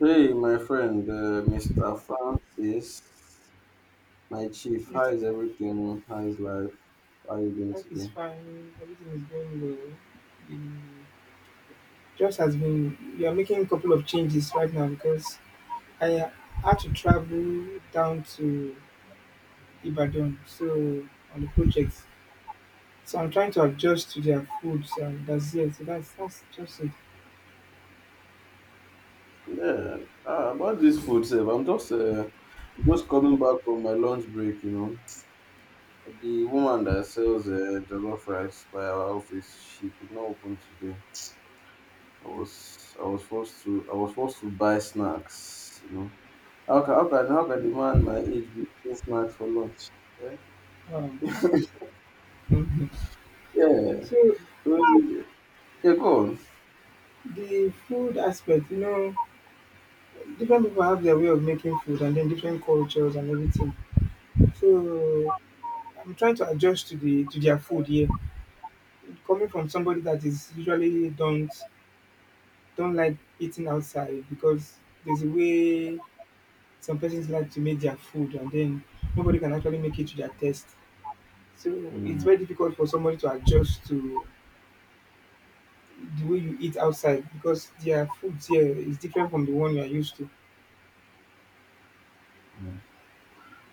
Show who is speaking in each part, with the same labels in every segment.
Speaker 1: Hey, my friend, Mr. Francis, my chief, how
Speaker 2: Mister,
Speaker 1: is everything? How is life? How are you doing
Speaker 2: life is
Speaker 1: today?
Speaker 2: fine. Everything is going well. The just has been. We are making a couple of changes right now because I had to travel down to Ibadan, so on the project. So I'm trying to adjust to their food. So that's it. So that's just it.
Speaker 1: Yeah, ah, about this food, sef, I'm just coming back from my lunch break, The woman that sells jollof rice by our office, she did not open today. I was forced to buy snacks, How can the man my age be eating snacks for lunch? Eh?
Speaker 2: Um, mhm.
Speaker 1: Yeah.
Speaker 2: So
Speaker 1: So, yeah, go on.
Speaker 2: the food aspect, you know, different people have their way of making food, and then different cultures and everything. So I'm trying to adjust to the to their food here, coming from somebody that is usually don't like eating outside because there's a way some persons like to make their food, and then nobody can actually make it to their taste. So it's very difficult for somebody to adjust to the way you eat outside because their food here is different from the one you are used to.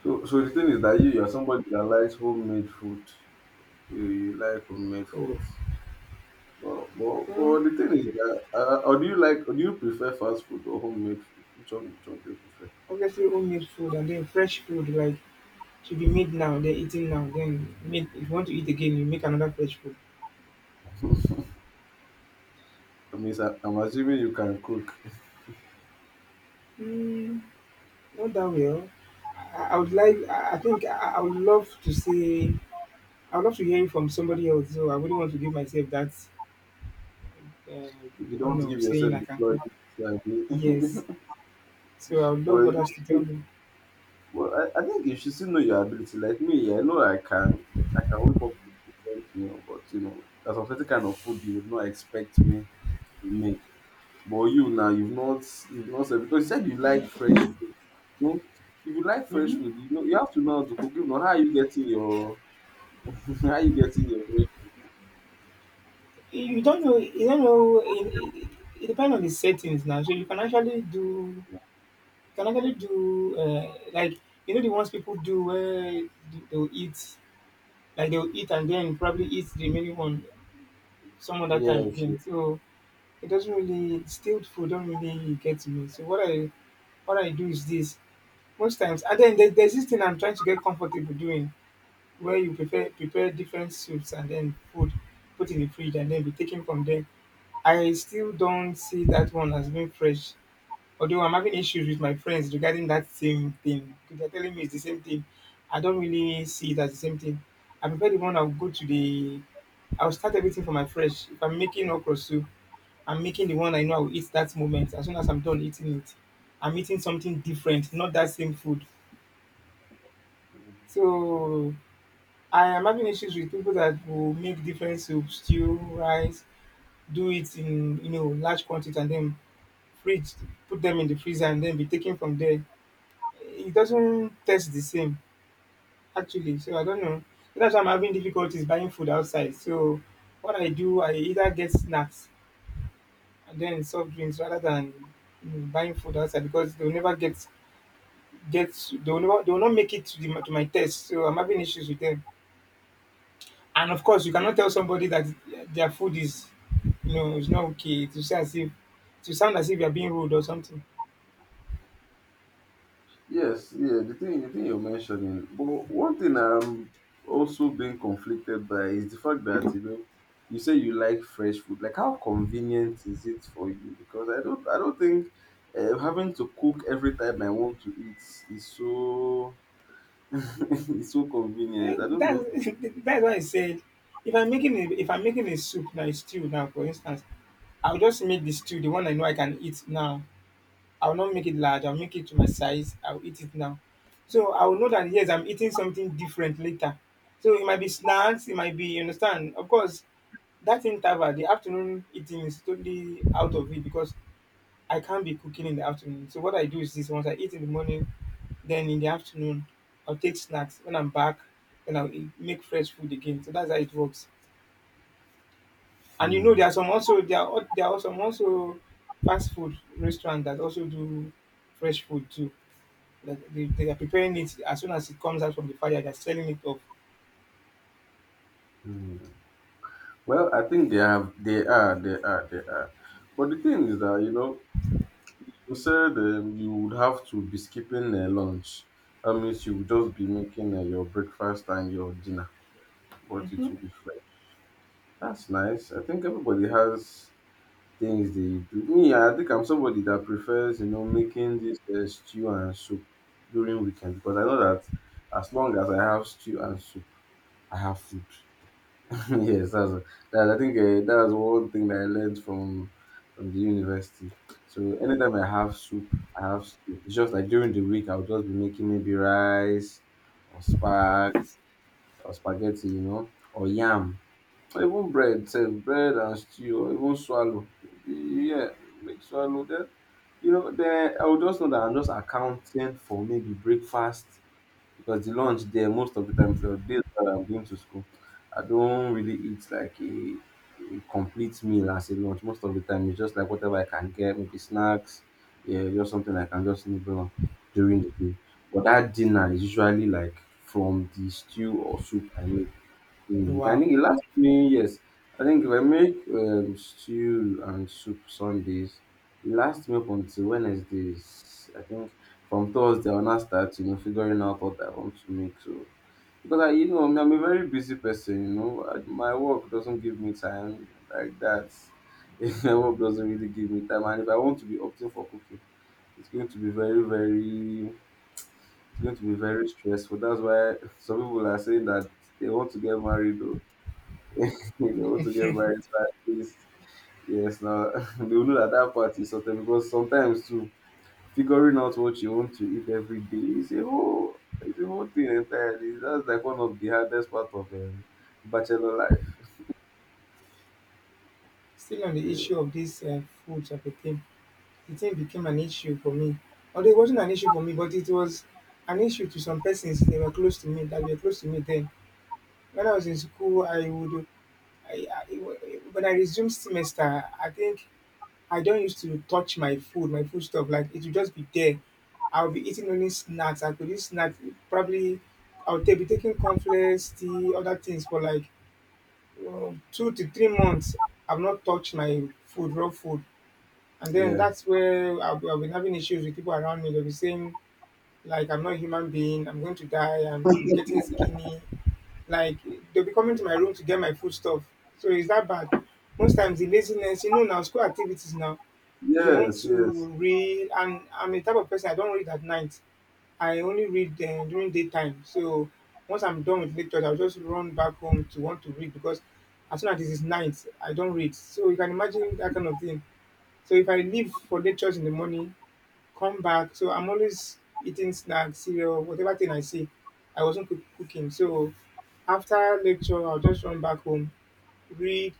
Speaker 1: So the thing is that you're somebody that likes homemade food. You like homemade
Speaker 2: Oh,
Speaker 1: foods. But, but,
Speaker 2: well,
Speaker 1: but the thing is that, or do you like, or do you prefer fast food or homemade food? Which one do you prefer?
Speaker 2: obviously homemade food, and then fresh food like should be made now, then eating now, then make, if you want to eat again, you make another fresh food.
Speaker 1: I mean, I'm assuming you can cook.
Speaker 2: Mm, not that well. I would like. I think I would love to say. I would love to hear it from somebody else. So I wouldn't want to give myself that uh,
Speaker 1: If you don't
Speaker 2: honor of
Speaker 1: give
Speaker 2: saying
Speaker 1: yourself
Speaker 2: I
Speaker 1: the
Speaker 2: can cook.
Speaker 1: credit,
Speaker 2: Yes.
Speaker 1: sabi.
Speaker 2: So I would love
Speaker 1: But,
Speaker 2: others to tell me.
Speaker 1: but I think you should still know your ability. Like me, yeah, I know I can whip up a decent meal, but you know, there's a certain kind of food you would not expect me to make. But you've not said because you said you like fresh food. No, if you like fresh
Speaker 2: Hmm.
Speaker 1: food, you know you have to know how to cook. If not, how are you how are you getting your
Speaker 2: You don't know. You don't know. It, it depends on the settings now. So you can actually do. You can actually do like, you know, the ones people do where they'll eat, like they'll eat and then probably eat the remaining one some other time
Speaker 1: fresh? Yes,
Speaker 2: again. So it doesn't really stale. Food don't really get to me. So what I do is this. Most times, and then there's this thing I'm trying to get comfortable doing where you prepare different soups and then food, put in the fridge and then be taken from there. I still don't see that one as being fresh. Although I'm having issues with my friends regarding that same thing, because they're telling me it's the same thing. I don't really see it as the same thing. I prefer the one I'll go to the I'll start everything from my fresh. If I'm making okra soup, I'm making the one I know I will eat that moment. As soon as I'm done eating it, I'm eating something different, not that same food.
Speaker 1: yes,
Speaker 2: So I am having issues with people that will make different soups, stew, rice, do it in, you know, large quantity, and then fridge, put them in the freezer and then be taken from there. It doesn't taste the same actually. So I don't know. That's why I'm having difficulties buying food outside. So what I do, I either get snacks and then soft drinks rather than, you know, buying food outside because they'll never get they will not make it to, to my test. So I'm having issues with them. And of course, you cannot tell somebody that their you know, it's not okay. To say as if, to sound as if you are being rude or something.
Speaker 1: yes. Yeah, the thing you're mentioning. But one thing I'm also being conflicted by is the fact that you know, you say you like fresh food. Like, how convenient is it for you? Because I don't think. Having to cook every time I want to eat is so it's so
Speaker 2: Yeah,
Speaker 1: convenient. I don't know.
Speaker 2: that's, that's why I said if I'm making a, if I'm making a soup now, a stew now, for instance, I'll just make the stew, the one I know I can eat now. I'll not make it large. I'll make it to my size. I'll eat it now. So I will know that, yes, I'm eating something different later. So it might be snacks. It might be, you understand. Of course, that interval, the afternoon eating is totally out of it because I can't be cooking in the afternoon. So what I do is this: once I eat in the morning, then in the afternoon, I'll take snacks. When I'm back, then I'll eat, make fresh food again. So that's how it works. And you know,
Speaker 1: Mm,
Speaker 2: there are some also, there are some also fast food restaurants that also do fresh food too. Like, they are preparing it as soon as it comes out from the fire, they're selling it off.
Speaker 1: mm. Well, I think they have, they are, they are, they are. But the thing is that you know, you said you would have to be skipping lunch. That means you would just be making your breakfast and your dinner, but it
Speaker 2: Hmm.
Speaker 1: will be fresh. That's nice. I think everybody has things they do. Me, I think I'm somebody that prefers you know making this stew and soup during weekend because I know that as long as I have stew and soup, I have food. yes, that's, that, I think that's one thing that I learned from the university. So anytime I have soup, I have stew. It's just like during the week, I'll just be making maybe rice or spaghetti, you know, or yam, or even bread, say bread and stew, or even swallow. Maybe, yeah, make swallow. Then you know, then I will just know that I'm just accounting for maybe breakfast because the lunch there most of the time, the days that I'm going to school, I don't really eat like a complete meal as a lunch. Most of the time, it's just like whatever I can get, maybe snacks, yeah, just something I can just nibble on during the day. But that dinner is usually like from the stew or soup I make. Mm, I
Speaker 2: Wow.
Speaker 1: think it lasts me. Yes, I think if I make stew and soup Sundays, it lasts me up until Wednesdays. I think from Thursday I'll now start, you know, figuring out what I want to make. So because I'm a very busy person. You know, my work doesn't give me time like that. my work doesn't really give me time, and if I want to be opting for cooking, it's going to be it's going to be very stressful. That's why some people are saying that they want to get married. Though you know, to get married by at least. Yes, now they will know that that part is certain because sometimes too figuring out what you want to eat every day is a whole it's a whole thing entirely. That's like one of the hardest part of bachelor life.
Speaker 2: Still on the
Speaker 1: Yeah,
Speaker 2: issue of this food type of the thing became an issue for me. Although it wasn't an issue for me, but it was an issue to some persons. They were close to me, that were close to me then. When I was in school, I would I, when I resume semester, I think I don't used to touch my food stuff. Like it would just be there. I'll be eating only snacks. I could eat snacks. Probably I'll be taking cornflakes, tea, other things for like 2 to 3 months. I've not touched my food, raw food. And then
Speaker 1: yeah,
Speaker 2: that's where I'll be having issues with people around me. They'll be saying, like I'm not a human being, I'm going to die, and I'm getting skinny. Like they'll be coming to my room to get my food stuff. So is that bad? Most times the laziness, you know, now school activities now. You want to
Speaker 1: yes.
Speaker 2: read, and I'm a type of person I don't read at night. I only read during daytime. So once I'm done with lectures, I'll just run back home to want to read because as soon as it is night, I don't read. So you can imagine that kind of thing. So if I leave for lectures in the morning, come back. So I'm always eating snacks, cereal, whatever thing I see. I wasn't cooking. So after lecture, I'll just run back home, read.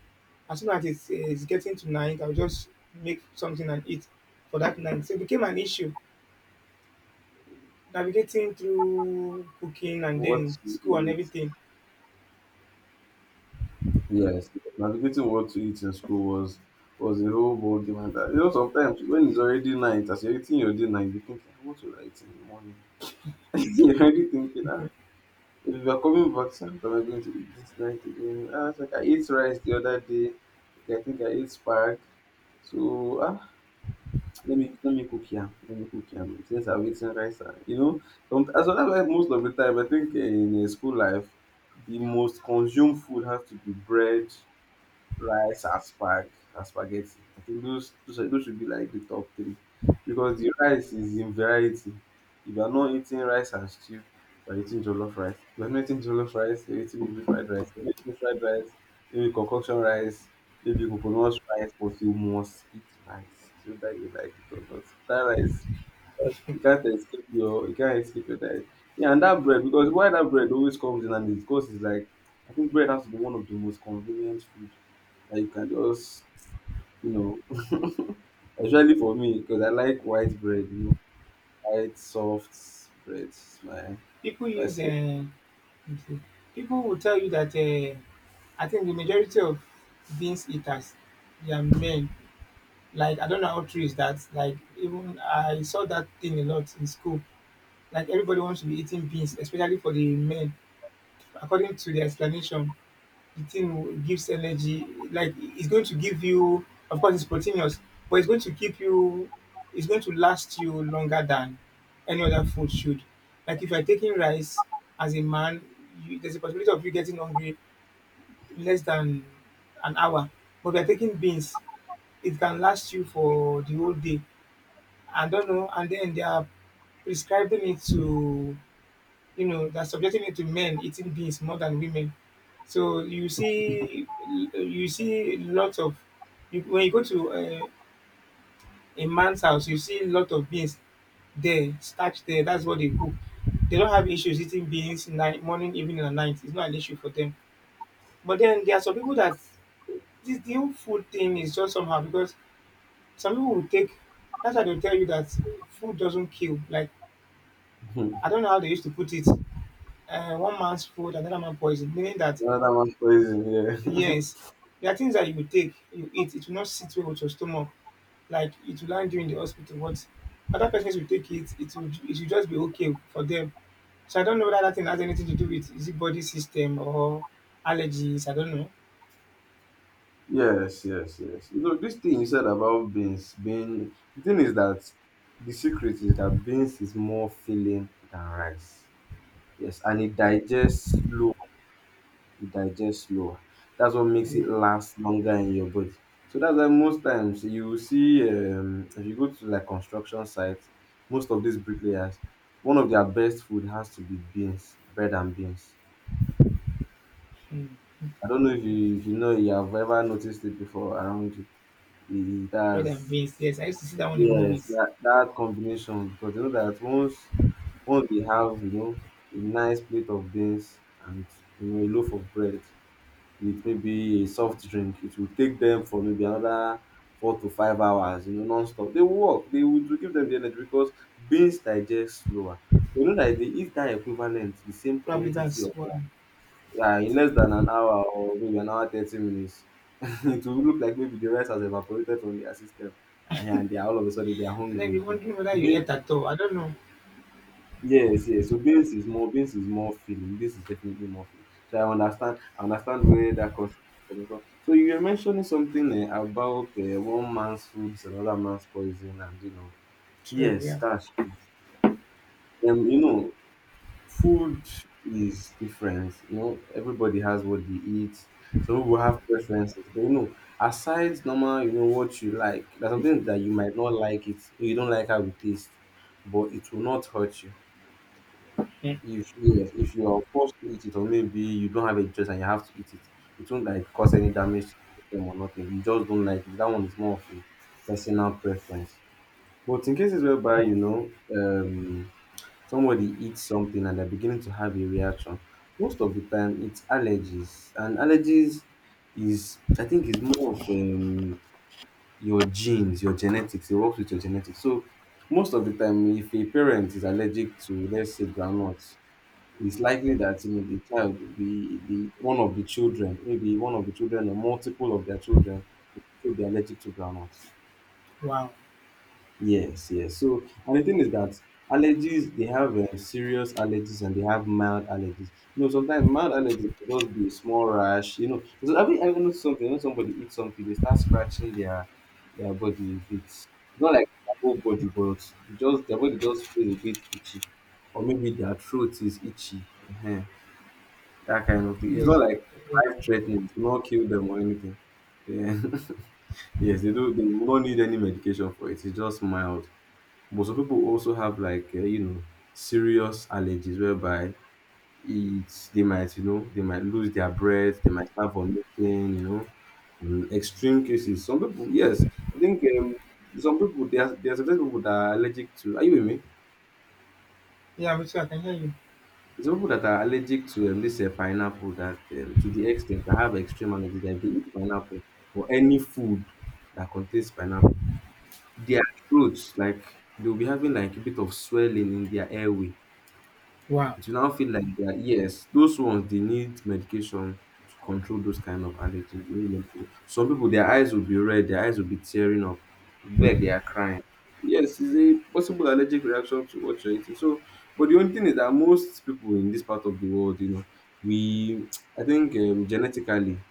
Speaker 2: As soon as it's getting to night, I'll just make something and eat for that night. So it became an issue navigating through cooking and
Speaker 1: What
Speaker 2: then
Speaker 1: to
Speaker 2: school and
Speaker 1: eat?
Speaker 2: everything.
Speaker 1: Yes, navigating what to eat in school was a whole ball game and that. You know, sometimes when it's already night, as you're eating your dinner, you be thinking, "Ah, what will I eat in the morning?" you're already thinking, "Ah, if you are coming back, say, what am I going to eat this night again? Ah, it's like I ate rice the other day. Okay, I think I ate spag. So ah, let me cook yam. Let me cook yam since I've eaten rice. Ah, you know, some, as well like most of the time, I think eh, in a school life, the most consumed food has to be bread rice and spaghetti. I think those should be like the top three because the rice is in variety. If you are not eating rice and stew, you are eating jollof rice. If you are not eating jollof rice, you are eating maybe fried rice. If you are not eating fried rice, maybe concoction rice, maybe coconut rice, but you must eat rice. So that you like it or not, that rice you can't escape you can't escape your diet. Yeah, and that bread because why that bread always comes in and it's because is like I think bread has to be one of the most convenient food that you can just you know especially for me because I like white bread, you know, white soft bread is
Speaker 2: People
Speaker 1: my
Speaker 2: use,
Speaker 1: special.
Speaker 2: people will tell you that I think the majority of beans eaters, they are men. Like, I don't know how true is that. Like, even I saw that thing a lot in school. Like, everybody wants to be eating beans, especially for the men. According to the explanation, the gives energy. Like, it's going to give you, of course, it's proteinous, but it's going to keep you, it's going to last you longer than any other food should. Like, if you're taking rice as a man, you, there's a possibility of you getting hungry in less than an hour. But if you're taking beans, it can last you for the whole day. I don't know, and then they are prescribing it to, you know, they're subjecting it to men eating beans more than women. So you see lots of, you, when you go to a man's house, you see a lot of beans there, starch there. That's what they cook. They don't have issues eating beans night, morning, evening, and night. It's not an issue for them. But then there are some people that this the whole food thing is just somehow because some people will take. That's why they'll tell you that food doesn't kill. Like I don't know how they used to put it. One man's food, another man poison. Meaning that
Speaker 1: Another one's poison, yeah.
Speaker 2: yes, there are things that you will take, you eat, it will not sit well with your stomach. Like it will land you in the hospital. But other persons will take it, it will just be okay for them. So I don't know whether that thing has anything to do with, is it body system or allergies. I don't know.
Speaker 1: Yes. You know, this thing you said about bean. The thing is that the secret is that beans is more filling than rice. Yes, and it digests slow. It digests slow. That's what makes it
Speaker 2: Mm.
Speaker 1: last longer in your body. So that's why most times you will see if you go to like construction sites, most of these bricklayers, one of their best food has to be beans, bread and beans.
Speaker 2: Mm.
Speaker 1: I don't know if you know you have ever noticed it before around you. It
Speaker 2: Bread and
Speaker 1: has
Speaker 2: beans. Yes, I used to see that one in
Speaker 1: yes
Speaker 2: movies.
Speaker 1: that combination because you know that once they have you know a nice plate of beans and you know a loaf of bread with maybe a soft drink, it will take them for maybe another 4 to 5 hours, you know, non-stop. They will work. They will to give them the energy because beans digest slower. You know that they eat that equivalent, the same
Speaker 2: Probably
Speaker 1: quantity
Speaker 2: that's
Speaker 1: of
Speaker 2: why.
Speaker 1: yeah, in less than an hour or maybe an hour 30 minutes, it will look like maybe the rice has evaporated from their system, and they are all of a sudden they are
Speaker 2: And then
Speaker 1: hungry
Speaker 2: you're
Speaker 1: again.
Speaker 2: wondering whether you ate at all. I don't know.
Speaker 1: Yes, yes. So beans is more feeling. Beans is definitely more feeling. So I understand where that concept is coming from. So you were mentioning something eh, about one man's food is another man's poison, and you know.
Speaker 2: True.
Speaker 1: Yes,
Speaker 2: Yeah.
Speaker 1: that's true. You know, food is different. You know, everybody has what they eat. Some people have preferences, but you know, aside normal, you know what you like. There's something that you might not like it. You don't like how it tastes, but it will not hurt you.
Speaker 2: Mhm.
Speaker 1: If yes, if you are forced to eat it, or maybe you don't have a choice and you have to eat it, it won't like cause any damage to them or nothing. You just don't like it. That one is more of a personal preference. But in cases whereby you know somebody eats something and they're beginning to have a reaction, most of the time it's allergies, and allergies is I think is more of your genes, your genetics. It works with your genetics. So most of the time, if a parent is allergic to let's say groundnuts it's likely that you know the child will be the one of the children, maybe one of the children or multiple of their children will be allergic to groundnuts.
Speaker 2: Wow.
Speaker 1: Yes, yes. So and the thing is that allergies they have serious allergies and they have mild allergies. You know, sometimes mild allergies will just be a small rash. You know, so have you ever noticed something when somebody eats something they start scratching their body a bit? Not like their whole body, but just their body just feels a bit itchy, or maybe their throat is itchy. Uh, that kind of thing. It's
Speaker 2: Yes.
Speaker 1: not like life threatening. It will not kill them or anything. Yeah. yes, they do. They will not need any medication for it. It's just mild. But some people also have like you know serious allergies whereby it's they might you know they might lose their breath. They might start vomiting. You know, and extreme cases. Some people, yes, I think some people there are some people that are allergic to. Are you with me?
Speaker 2: Yeah, Bitsy, I can hear you.
Speaker 1: Some people that are allergic to this pineapple that to the extent I have extreme allergies that if they eat pineapple or any food that contains pineapple, their throats like they'll be having like a bit of swelling in their airway.
Speaker 2: Wow.
Speaker 1: It will now feel like they are yes, those ones they need medication to control those kind of allergy. They need medication. Some people their eyes will be red, their eyes will be tearing up. It'll be like they are crying. Yes, it's a possible allergic reaction to what you're eating. So, but the only thing is that most people in this part of the world, you know, we I think genetically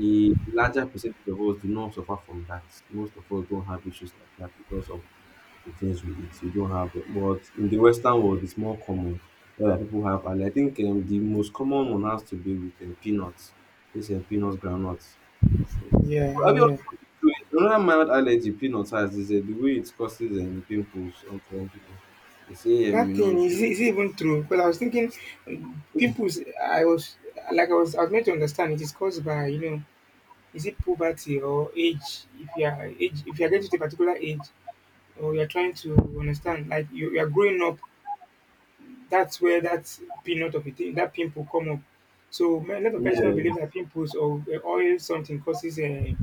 Speaker 1: a larger percentage of us do not suffer from that. Most of us don't have issues like that because of the things we eat. You don't have, but in the Western world, it's more common. Where like people have, and I think the most common one has to be with peanuts. It's peanuts, groundnuts. Yes.
Speaker 2: Yeah,
Speaker 1: Well, have you
Speaker 2: yeah.
Speaker 1: also noticed, another mild allergy peanuts has is the way it causes pimples on some people. They say, you
Speaker 2: That
Speaker 1: know,
Speaker 2: thing
Speaker 1: peanut.
Speaker 2: is it even true? Because I was thinking, pimples. I was like, I was meant to understand it is caused by, you know, is it poverty or age? If you are age, if you are getting to a particular age, or you are trying to understand, like you are growing up, that's where that peanut of a thing, that pimple come up. So man, a lot of people don't
Speaker 1: Yeah,
Speaker 2: believe that pimples or oil something causes a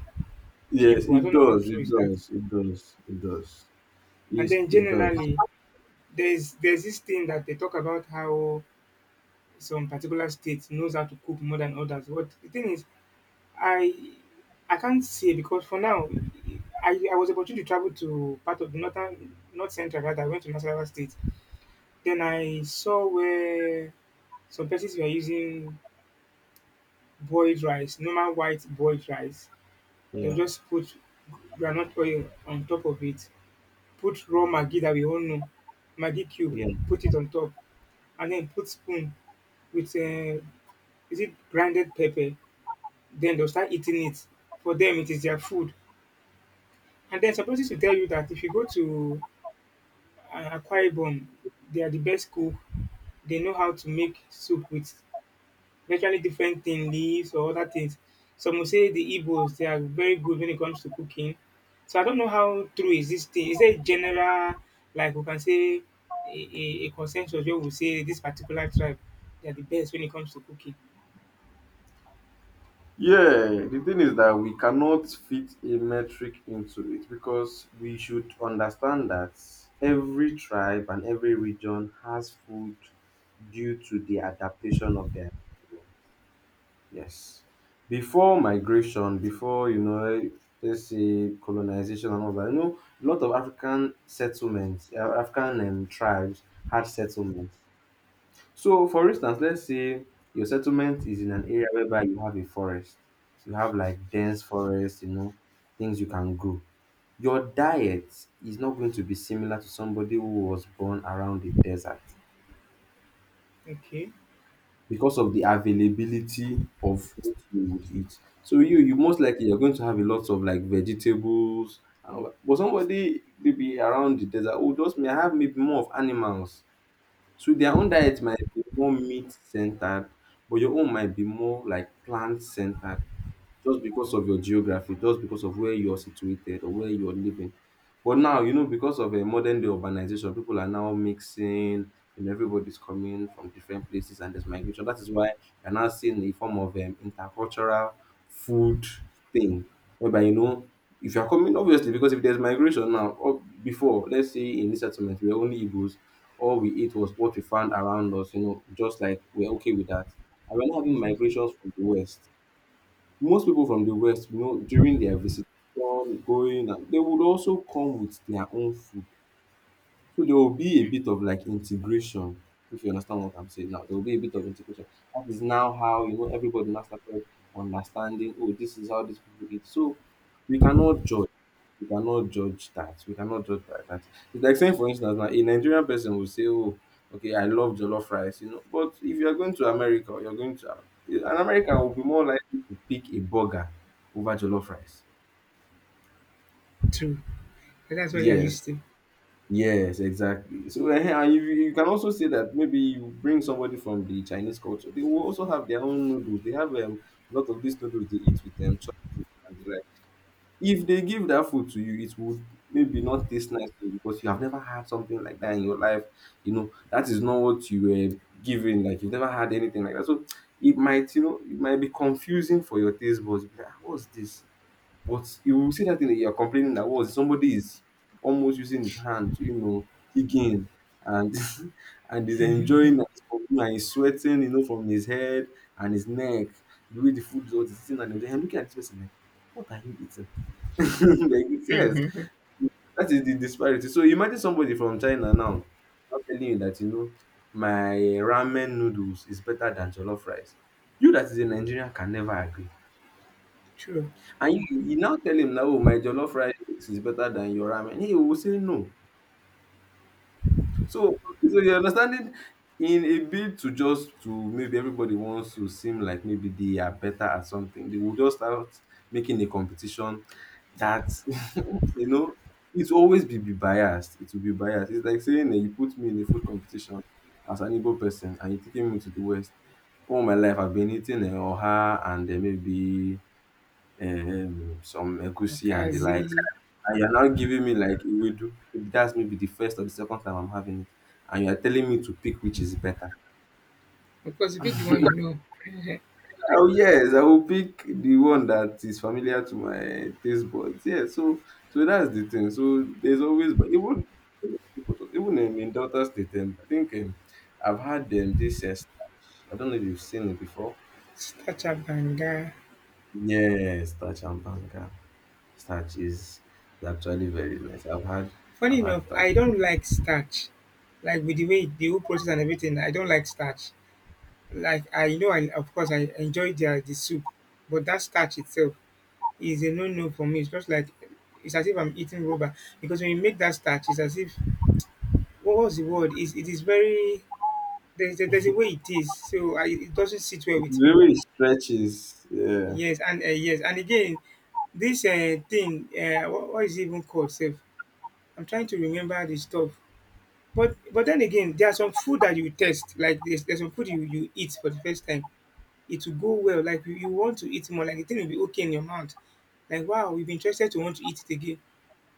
Speaker 1: yes,
Speaker 2: pimple. I
Speaker 1: it
Speaker 2: don't know how
Speaker 1: does,
Speaker 2: true
Speaker 1: it
Speaker 2: is that.
Speaker 1: does, it does, it does.
Speaker 2: And
Speaker 1: It's,
Speaker 2: then
Speaker 1: it does.
Speaker 2: generally, there's this thing that they talk about how some particular state knows how to cook more than others. But the thing is, I I can't say because for now, I was opportunity to travel to part of the north central rather. I went to Nasarawa State. Then I saw where some places were using boiled rice, normal white boiled rice.
Speaker 1: Yeah,
Speaker 2: They'll just put granite oil on top of it, put raw maggi that we all know, maggi cube,
Speaker 1: yeah.
Speaker 2: put it on top, and then put spoon with is it grinded pepper. Then they'll start eating it. For them, it is their food. And then supposed to tell you that if you go to Akwa Ibom, they are the best cook. They know how to make soup with virtually different thing, leaves or other things. Some will say the Igbos they are very good when it comes to cooking. So I don't know how true is this thing. Is there a general like we can say a consensus where we say this particular tribe they are the best when it comes to cooking?
Speaker 1: Yeah, the thing is that we cannot fit a metric into it because we should understand that every tribe and every region has food due to the adaptation of their yes. Before migration, before you know, let's say colonization and all that, you know, a lot of African settlements, African tribes had settlements so, for instance, let's say your settlement is in an area whereby you have a forest, you have like dense forest, you know, things you can grow. Your diet is not going to be similar to somebody who was born around the desert
Speaker 2: Okay,
Speaker 1: because of the availability of what you would eat. So you most likely you're going to have a lot of like vegetables and all that. But somebody maybe around the desert, oh, just may have maybe more of animals. So their own diet might be more meat centered, but your own might be more like plant centered just because of your geography, just because of where you're situated or where you're living. But now, you know, because of a modern day urbanization, people are now mixing, and everybody's coming from different places, and there's migration. That is why you're now seeing a form of intercultural food thing, whereby you know. If you're coming, obviously, because if there's migration now, or before, let's say in this settlement, we're only Igbos, all we ate was what we found around us, you know, just like we're okay with that. And we're now having
Speaker 2: exactly.
Speaker 1: migrations from the West, most people from the West, you know, during their visitation, going, and they would also come with their own food. So there will be a bit of like integration, if you understand what I'm saying now. There will be a bit of integration. That is now how, you know, everybody now started understanding, oh, this is how these people eat. So we cannot judge we cannot judge that. We cannot judge by that. It's like saying, for instance, now a Nigerian person will say, "Oh, okay, I love jollof rice," you know. But if you are going to America, or you're going to an American will be more likely to pick a burger over jollof rice.
Speaker 2: True. And that's what they are
Speaker 1: Yes,
Speaker 2: used to.
Speaker 1: yes, exactly. So eh, and you can also say that maybe you bring somebody from the Chinese culture. They will also have their own noodles. They have a lot of these noodles they eat with them. Like. If they give that food to you, it would maybe not taste nice to you because you have never had something like that in your life. You know, that is not what you were given. Like you've never had anything like that. So it might, you know, it might be confusing for your taste buds. Be like, "Ah, what's this? But you will see that thing that you're complaining that was somebody is almost using his hand, to, you know, digging and and is enjoying as for you and he's sweating, you know, from his head and his neck, the way the food is all is sitting and enjoying. And looking at this person like, what are you eating? They yes, that is the disparity. So imagine somebody from China now not telling you that you know my ramen noodles is better than jollof rice. You that is a Nigerian can never agree.
Speaker 2: True.
Speaker 1: And you now tell him that oh my jollof rice is better than your ramen. He will say no. So okay, so you understanding in a bid to just to maybe everybody wants to seem like maybe they are better at something, they will just start making a competition that you know it will always be biased. It will be biased. It's like saying that you put me in a food competition as an Igbo person and you're taking me to the West. All my life I've been eating Oha and maybe some egusi and the likes.
Speaker 2: Okazi.
Speaker 1: And you're now giving me like do. That's maybe the first or the second time I'm having it. And you're telling me to pick which is better.
Speaker 2: Of course, you pick the one you know.
Speaker 1: Oh yes, I will pick the one that is familiar to my taste buds. Yeah, so so that's the thing. So there's always but even even in Delta State, I think I've had this starch. I don't know if you've seen it before.
Speaker 2: Starch abanga.
Speaker 1: Yeah, starch and banga. Starch is actually very nice.
Speaker 2: Funny
Speaker 1: I've had
Speaker 2: enough,
Speaker 1: starch.
Speaker 2: I don't like starch. Like with the way the whole process and everything, I don't like starch. Like I know, I of course I enjoy the soup, but that starch itself is a no no for me. It's just like it's as if I'm eating rubber because when you make that starch, it's as if what was the word? Is it is very there's a way it is, so I, it doesn't sit well with me.
Speaker 1: Really stretches, yeah.
Speaker 2: Yes, and yes, and again, this thing, what is it even called? Safe. I'm trying to remember the stuff. But then again, there are some food that you test. Like there's some food you eat for the first time. It will go well. Like you want to eat more. Like the thing will be okay in your mouth. Like wow, you've been interested to want to eat it again.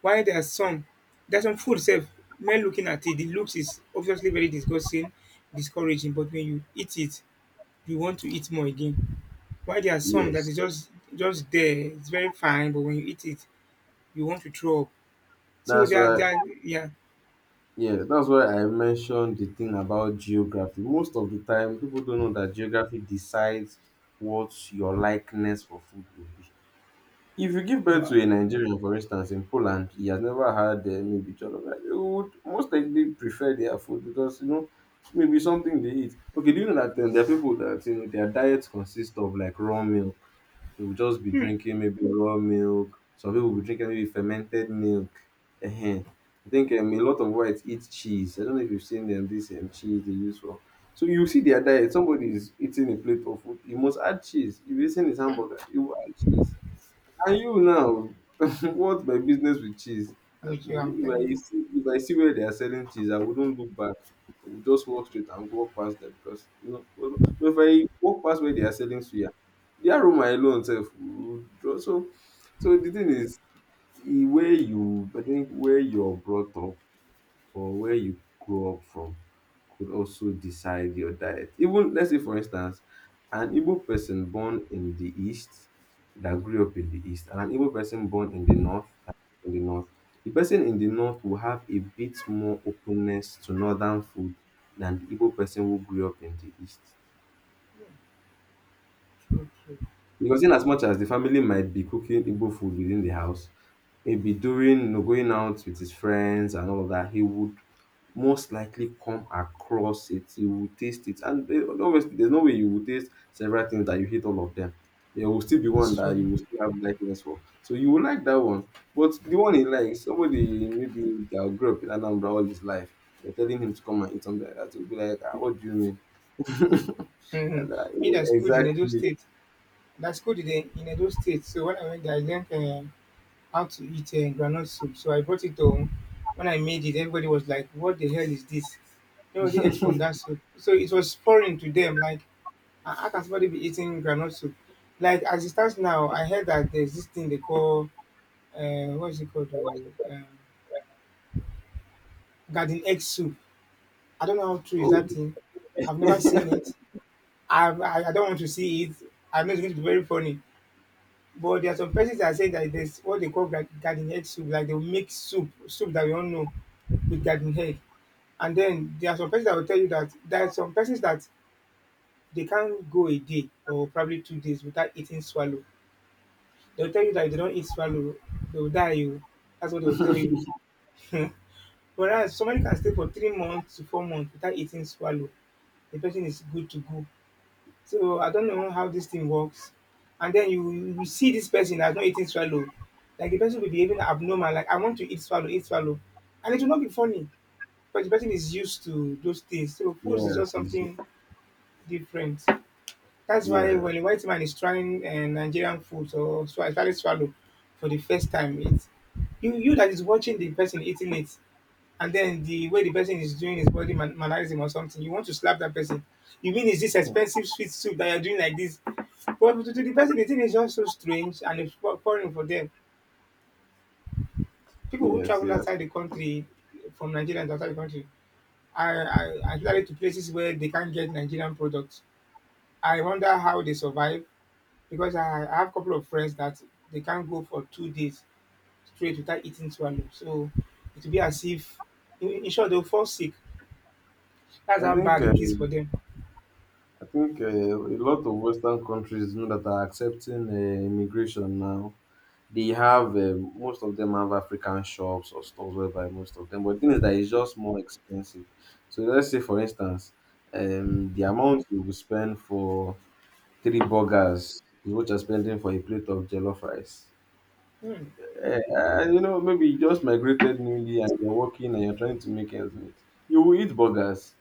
Speaker 2: While there are some, there's some food safe. Men looking at it, the looks is obviously very disgusting, discouraging. But when you eat it, you want to eat more again. Why there are some that
Speaker 1: Yes,
Speaker 2: is just there, it's very fine, but when you eat it, you want to throw up. So
Speaker 1: that's why,
Speaker 2: there are yeah.
Speaker 1: yeah, that's why I mentioned the thing about geography. Most of the time, people don't know that geography decides what your likeness for food will be. If you give birth
Speaker 2: Wow.
Speaker 1: to a Nigerian, for instance, in Poland, he has never had maybe jollof, rice, he would most likely prefer their food because you know maybe something they eat. Okay, do you know that there are people that you know their diets consist of like raw milk. They will just be drinking maybe raw milk. Some people will be drinking maybe fermented milk. Uh I think a lot of whites eat cheese. I don't know if you've seen them this cheese they use for. So you see their diet. Somebody is eating a plate of food. He must add cheese. If he's eating his hamburger, he will add cheese and you now, what's my business with cheese? I- If
Speaker 2: Which you I'm telling
Speaker 1: I
Speaker 2: you
Speaker 1: see, if I see where they are selling cheese, I wouldn't look back. I would just walk straight and walk past them because you know. But if I walk past where they are selling suya, the aroma alone itself would draw. So, so the thing is, the way you, I think, where you're brought up or where you grow up from could also decide your diet. Even let's say for instance, an Igbo person born in the east that grew up in the east and an Igbo person born in the north that grew up in the north. The person in the north will have a bit more openness to northern food than the Igbo person who grew up in the east.
Speaker 2: true.
Speaker 1: Because in as much as the family might be cooking Igbo food within the house, maybe during you know, going out with his friends and all of that, he would most likely come across it. You will taste it. And eh, obviously, there's no way you will taste several things that you hate all of them. There will still be one
Speaker 2: It's
Speaker 1: that
Speaker 2: true.
Speaker 1: you will still have likeness for. So you will like that one. But the one he likes, somebody maybe that grew up in Anambra all his life, you're telling him to come and eat something like that. He'll be like, ah, what do you mean? Yeah,
Speaker 2: Mm-hmm.
Speaker 1: like,
Speaker 2: Me
Speaker 1: yeah,
Speaker 2: that's good in Edo
Speaker 1: exactly.
Speaker 2: State. That's good in Edo State. So when I went there, I learned how to eat granite soup. So I brought it home. When I made it, everybody was like, "What the hell is this?" Nobody ate from that soup. So it was foreign to them. Like, how can somebody be eating granite soup? Like, as it stands now, I heard that there's this thing they call what's it called? Garden egg soup. I don't know how true is that thing. I've never
Speaker 1: Yes.
Speaker 2: seen it. I don't want to see it. I know it's going to be very funny. But there are some persons that say that there's what they call garden egg soup. Like they will make soup that we all know with garden egg. And then there are some persons that will tell you that there are some persons that they can't go a day or probably two days without eating swallow. They'll tell you that if they don't eat swallow, they'll die. You. That's what they'll tell you. Whereas somebody can stay for three months to four months without eating swallow. The person is good to go. So I don't know how this thing works. And then you see this person that's not eating swallow. Like the person will be behaving abnormal, like I want to eat swallow, eat swallow. And it will not be funny. But the person is used to those things. So food is just
Speaker 1: Yes.
Speaker 2: something different. That's why
Speaker 1: Yeah.
Speaker 2: when a white man is trying Nigerian food or especially swallow for the first time, it you you that is watching the person eating it and then the way the person is doing his body mannerism or something, you want to slap that person. You mean is this expensive sweet soup that you're doing like this? But to the person, the thing is just so strange and it's foreign for them. People who
Speaker 1: Yes.
Speaker 2: travel
Speaker 1: Yes.
Speaker 2: outside the country, from Nigeria and outside the country, are usually to places where they can't get Nigerian products. I wonder how they survive because I have a couple of friends that they can't go for two days straight without eating swallow. So it will be as if, in short, they'll fall sick. That's
Speaker 1: I
Speaker 2: how
Speaker 1: think.
Speaker 2: bad it is for them.
Speaker 1: I think a lot of Western countries you know, that are accepting immigration now, they have most of them have African shops or stores whereby most of them. But the thing is that it's just more expensive. So let's say, for instance, the amount you will spend for three burgers is what you're spending for a plate of jollof rice.
Speaker 2: Hmm.
Speaker 1: You know, maybe you just migrated newly and you're working and you're trying to make ends meet. You will eat burgers.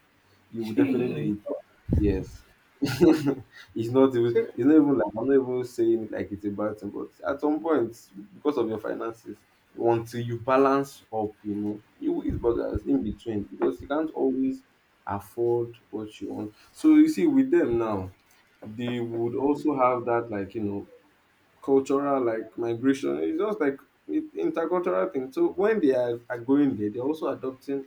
Speaker 1: You will definitely eat burgers. Yes. it's not even
Speaker 2: So
Speaker 1: it's not even like I'm not even saying it like it's a bad thing, but at some point, because of your finances, until you balance up, you know, you will eat burgers in between because you can't always afford what you want. So you see, with them now, they would also have that like you know cultural like migration. It's just like intercultural thing. So when they are going there, they're also adopting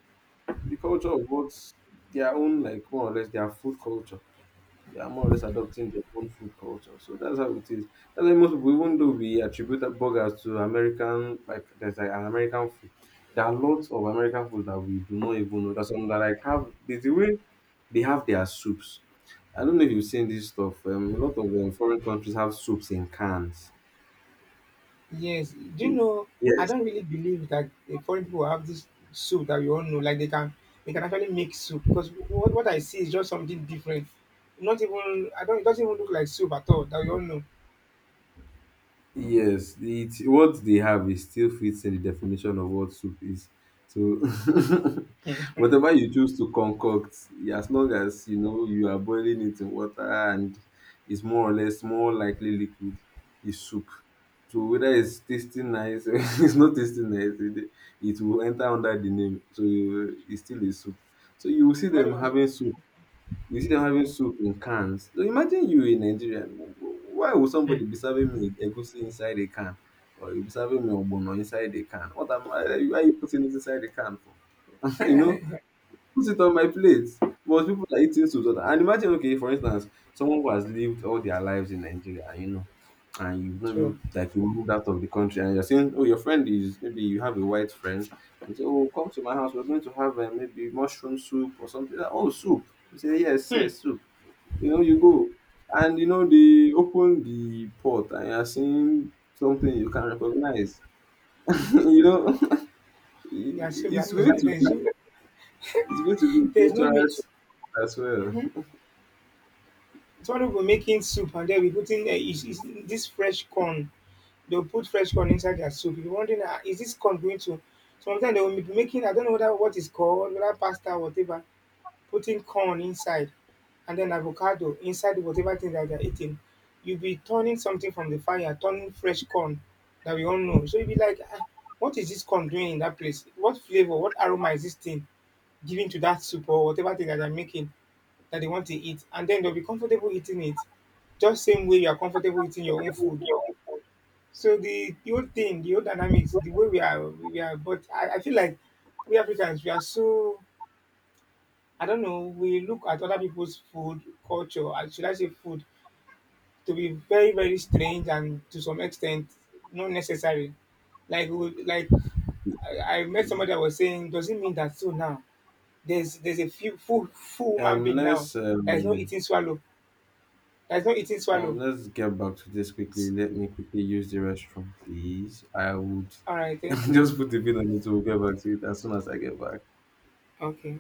Speaker 1: the culture of what's their own like more or less their food culture. They are more or less adopting their own food culture. So that's how it is. That's why most people, even though we attribute burgers to American, like there's like an American food. There are lots of American food that we do not even know. There's some that like have there's the way they have their soups. I don't know if you've seen this stuff. A lot of foreign countries have soups in cans.
Speaker 2: yes, do you know? I
Speaker 1: Yes.
Speaker 2: don't really believe that the foreign people have this soup that we all know. Like they can actually make soup because what I see is just something different. Not even I don't. It doesn't even look like soup at all that we all know.
Speaker 1: Yes, it what they have is still fits in the definition of what soup is. So whatever you choose to concoct, as long as you know you are boiling it in water and it's more or less more likely liquid, is soup. So whether it's tasting nice or it's not tasting nice, it will enter under the name. So it's still a soup. So you will see
Speaker 2: Somebody
Speaker 1: them
Speaker 2: was
Speaker 1: having soup you see them having soup in cans. So imagine you a Nigerian. Why would somebody be serving me egusi inside a can? Or you be serving me ogbono inside a can? What am I? Why are you putting it inside the can for? you know, put it on my plate. But people are eating soup. So that- And imagine, okay, for instance, someone who has lived all their lives in Nigeria, and you know, and you've not
Speaker 2: true.
Speaker 1: been, like you moved out of the country, and you're saying, oh, your friend is maybe you have a white friend, and say, oh, come to my house. We're going to have maybe mushroom soup or something. Like, oh, soup. You say, yes, yes, soup. You know, you go and you know they open the pot and you're seeing something you can recognize. you know,
Speaker 2: Yeah,
Speaker 1: it-
Speaker 2: soup. Like,
Speaker 1: it's
Speaker 2: there's,
Speaker 1: going
Speaker 2: no,
Speaker 1: to be it's going to be
Speaker 2: there's no
Speaker 1: cultural
Speaker 2: meat.
Speaker 1: shock as well.
Speaker 2: Mm-hmm. Somebody will making soup and then we putting is this fresh corn. They'll put fresh corn inside their soup. You'll wondering, ah, is this corn going to? Sometimes they will be making, I don't know whether what is called, whether pasta whatever, putting corn inside and then avocado inside whatever thing that they're eating. You'll be turning something from the fire, turning fresh corn that we all know. So you'll be like, ah, what is this corn doing in that place? What flavor, what aroma is this thing giving to that soup or whatever thing that they're making that they want to eat? And then they'll be comfortable eating it. Just same way you are comfortable eating your own food. So the whole thing, the whole dynamics, the way we are. But I feel like we Africans, we are so. I don't know. We look at other people's food culture, or should I say food, to be very very strange and to some extent not necessary. Like I met somebody that was saying, does it mean that so now there's a few full woman
Speaker 1: Um,
Speaker 2: being now
Speaker 1: let's
Speaker 2: that is not
Speaker 1: um,
Speaker 2: eating swallow, that is not eating swallow.
Speaker 1: let's get back to this quickly. Let me quickly use the restroom, please. I would
Speaker 2: All right, thank you.
Speaker 1: just put the pin on it. We'll get back to it as soon as I get back.
Speaker 2: Okay.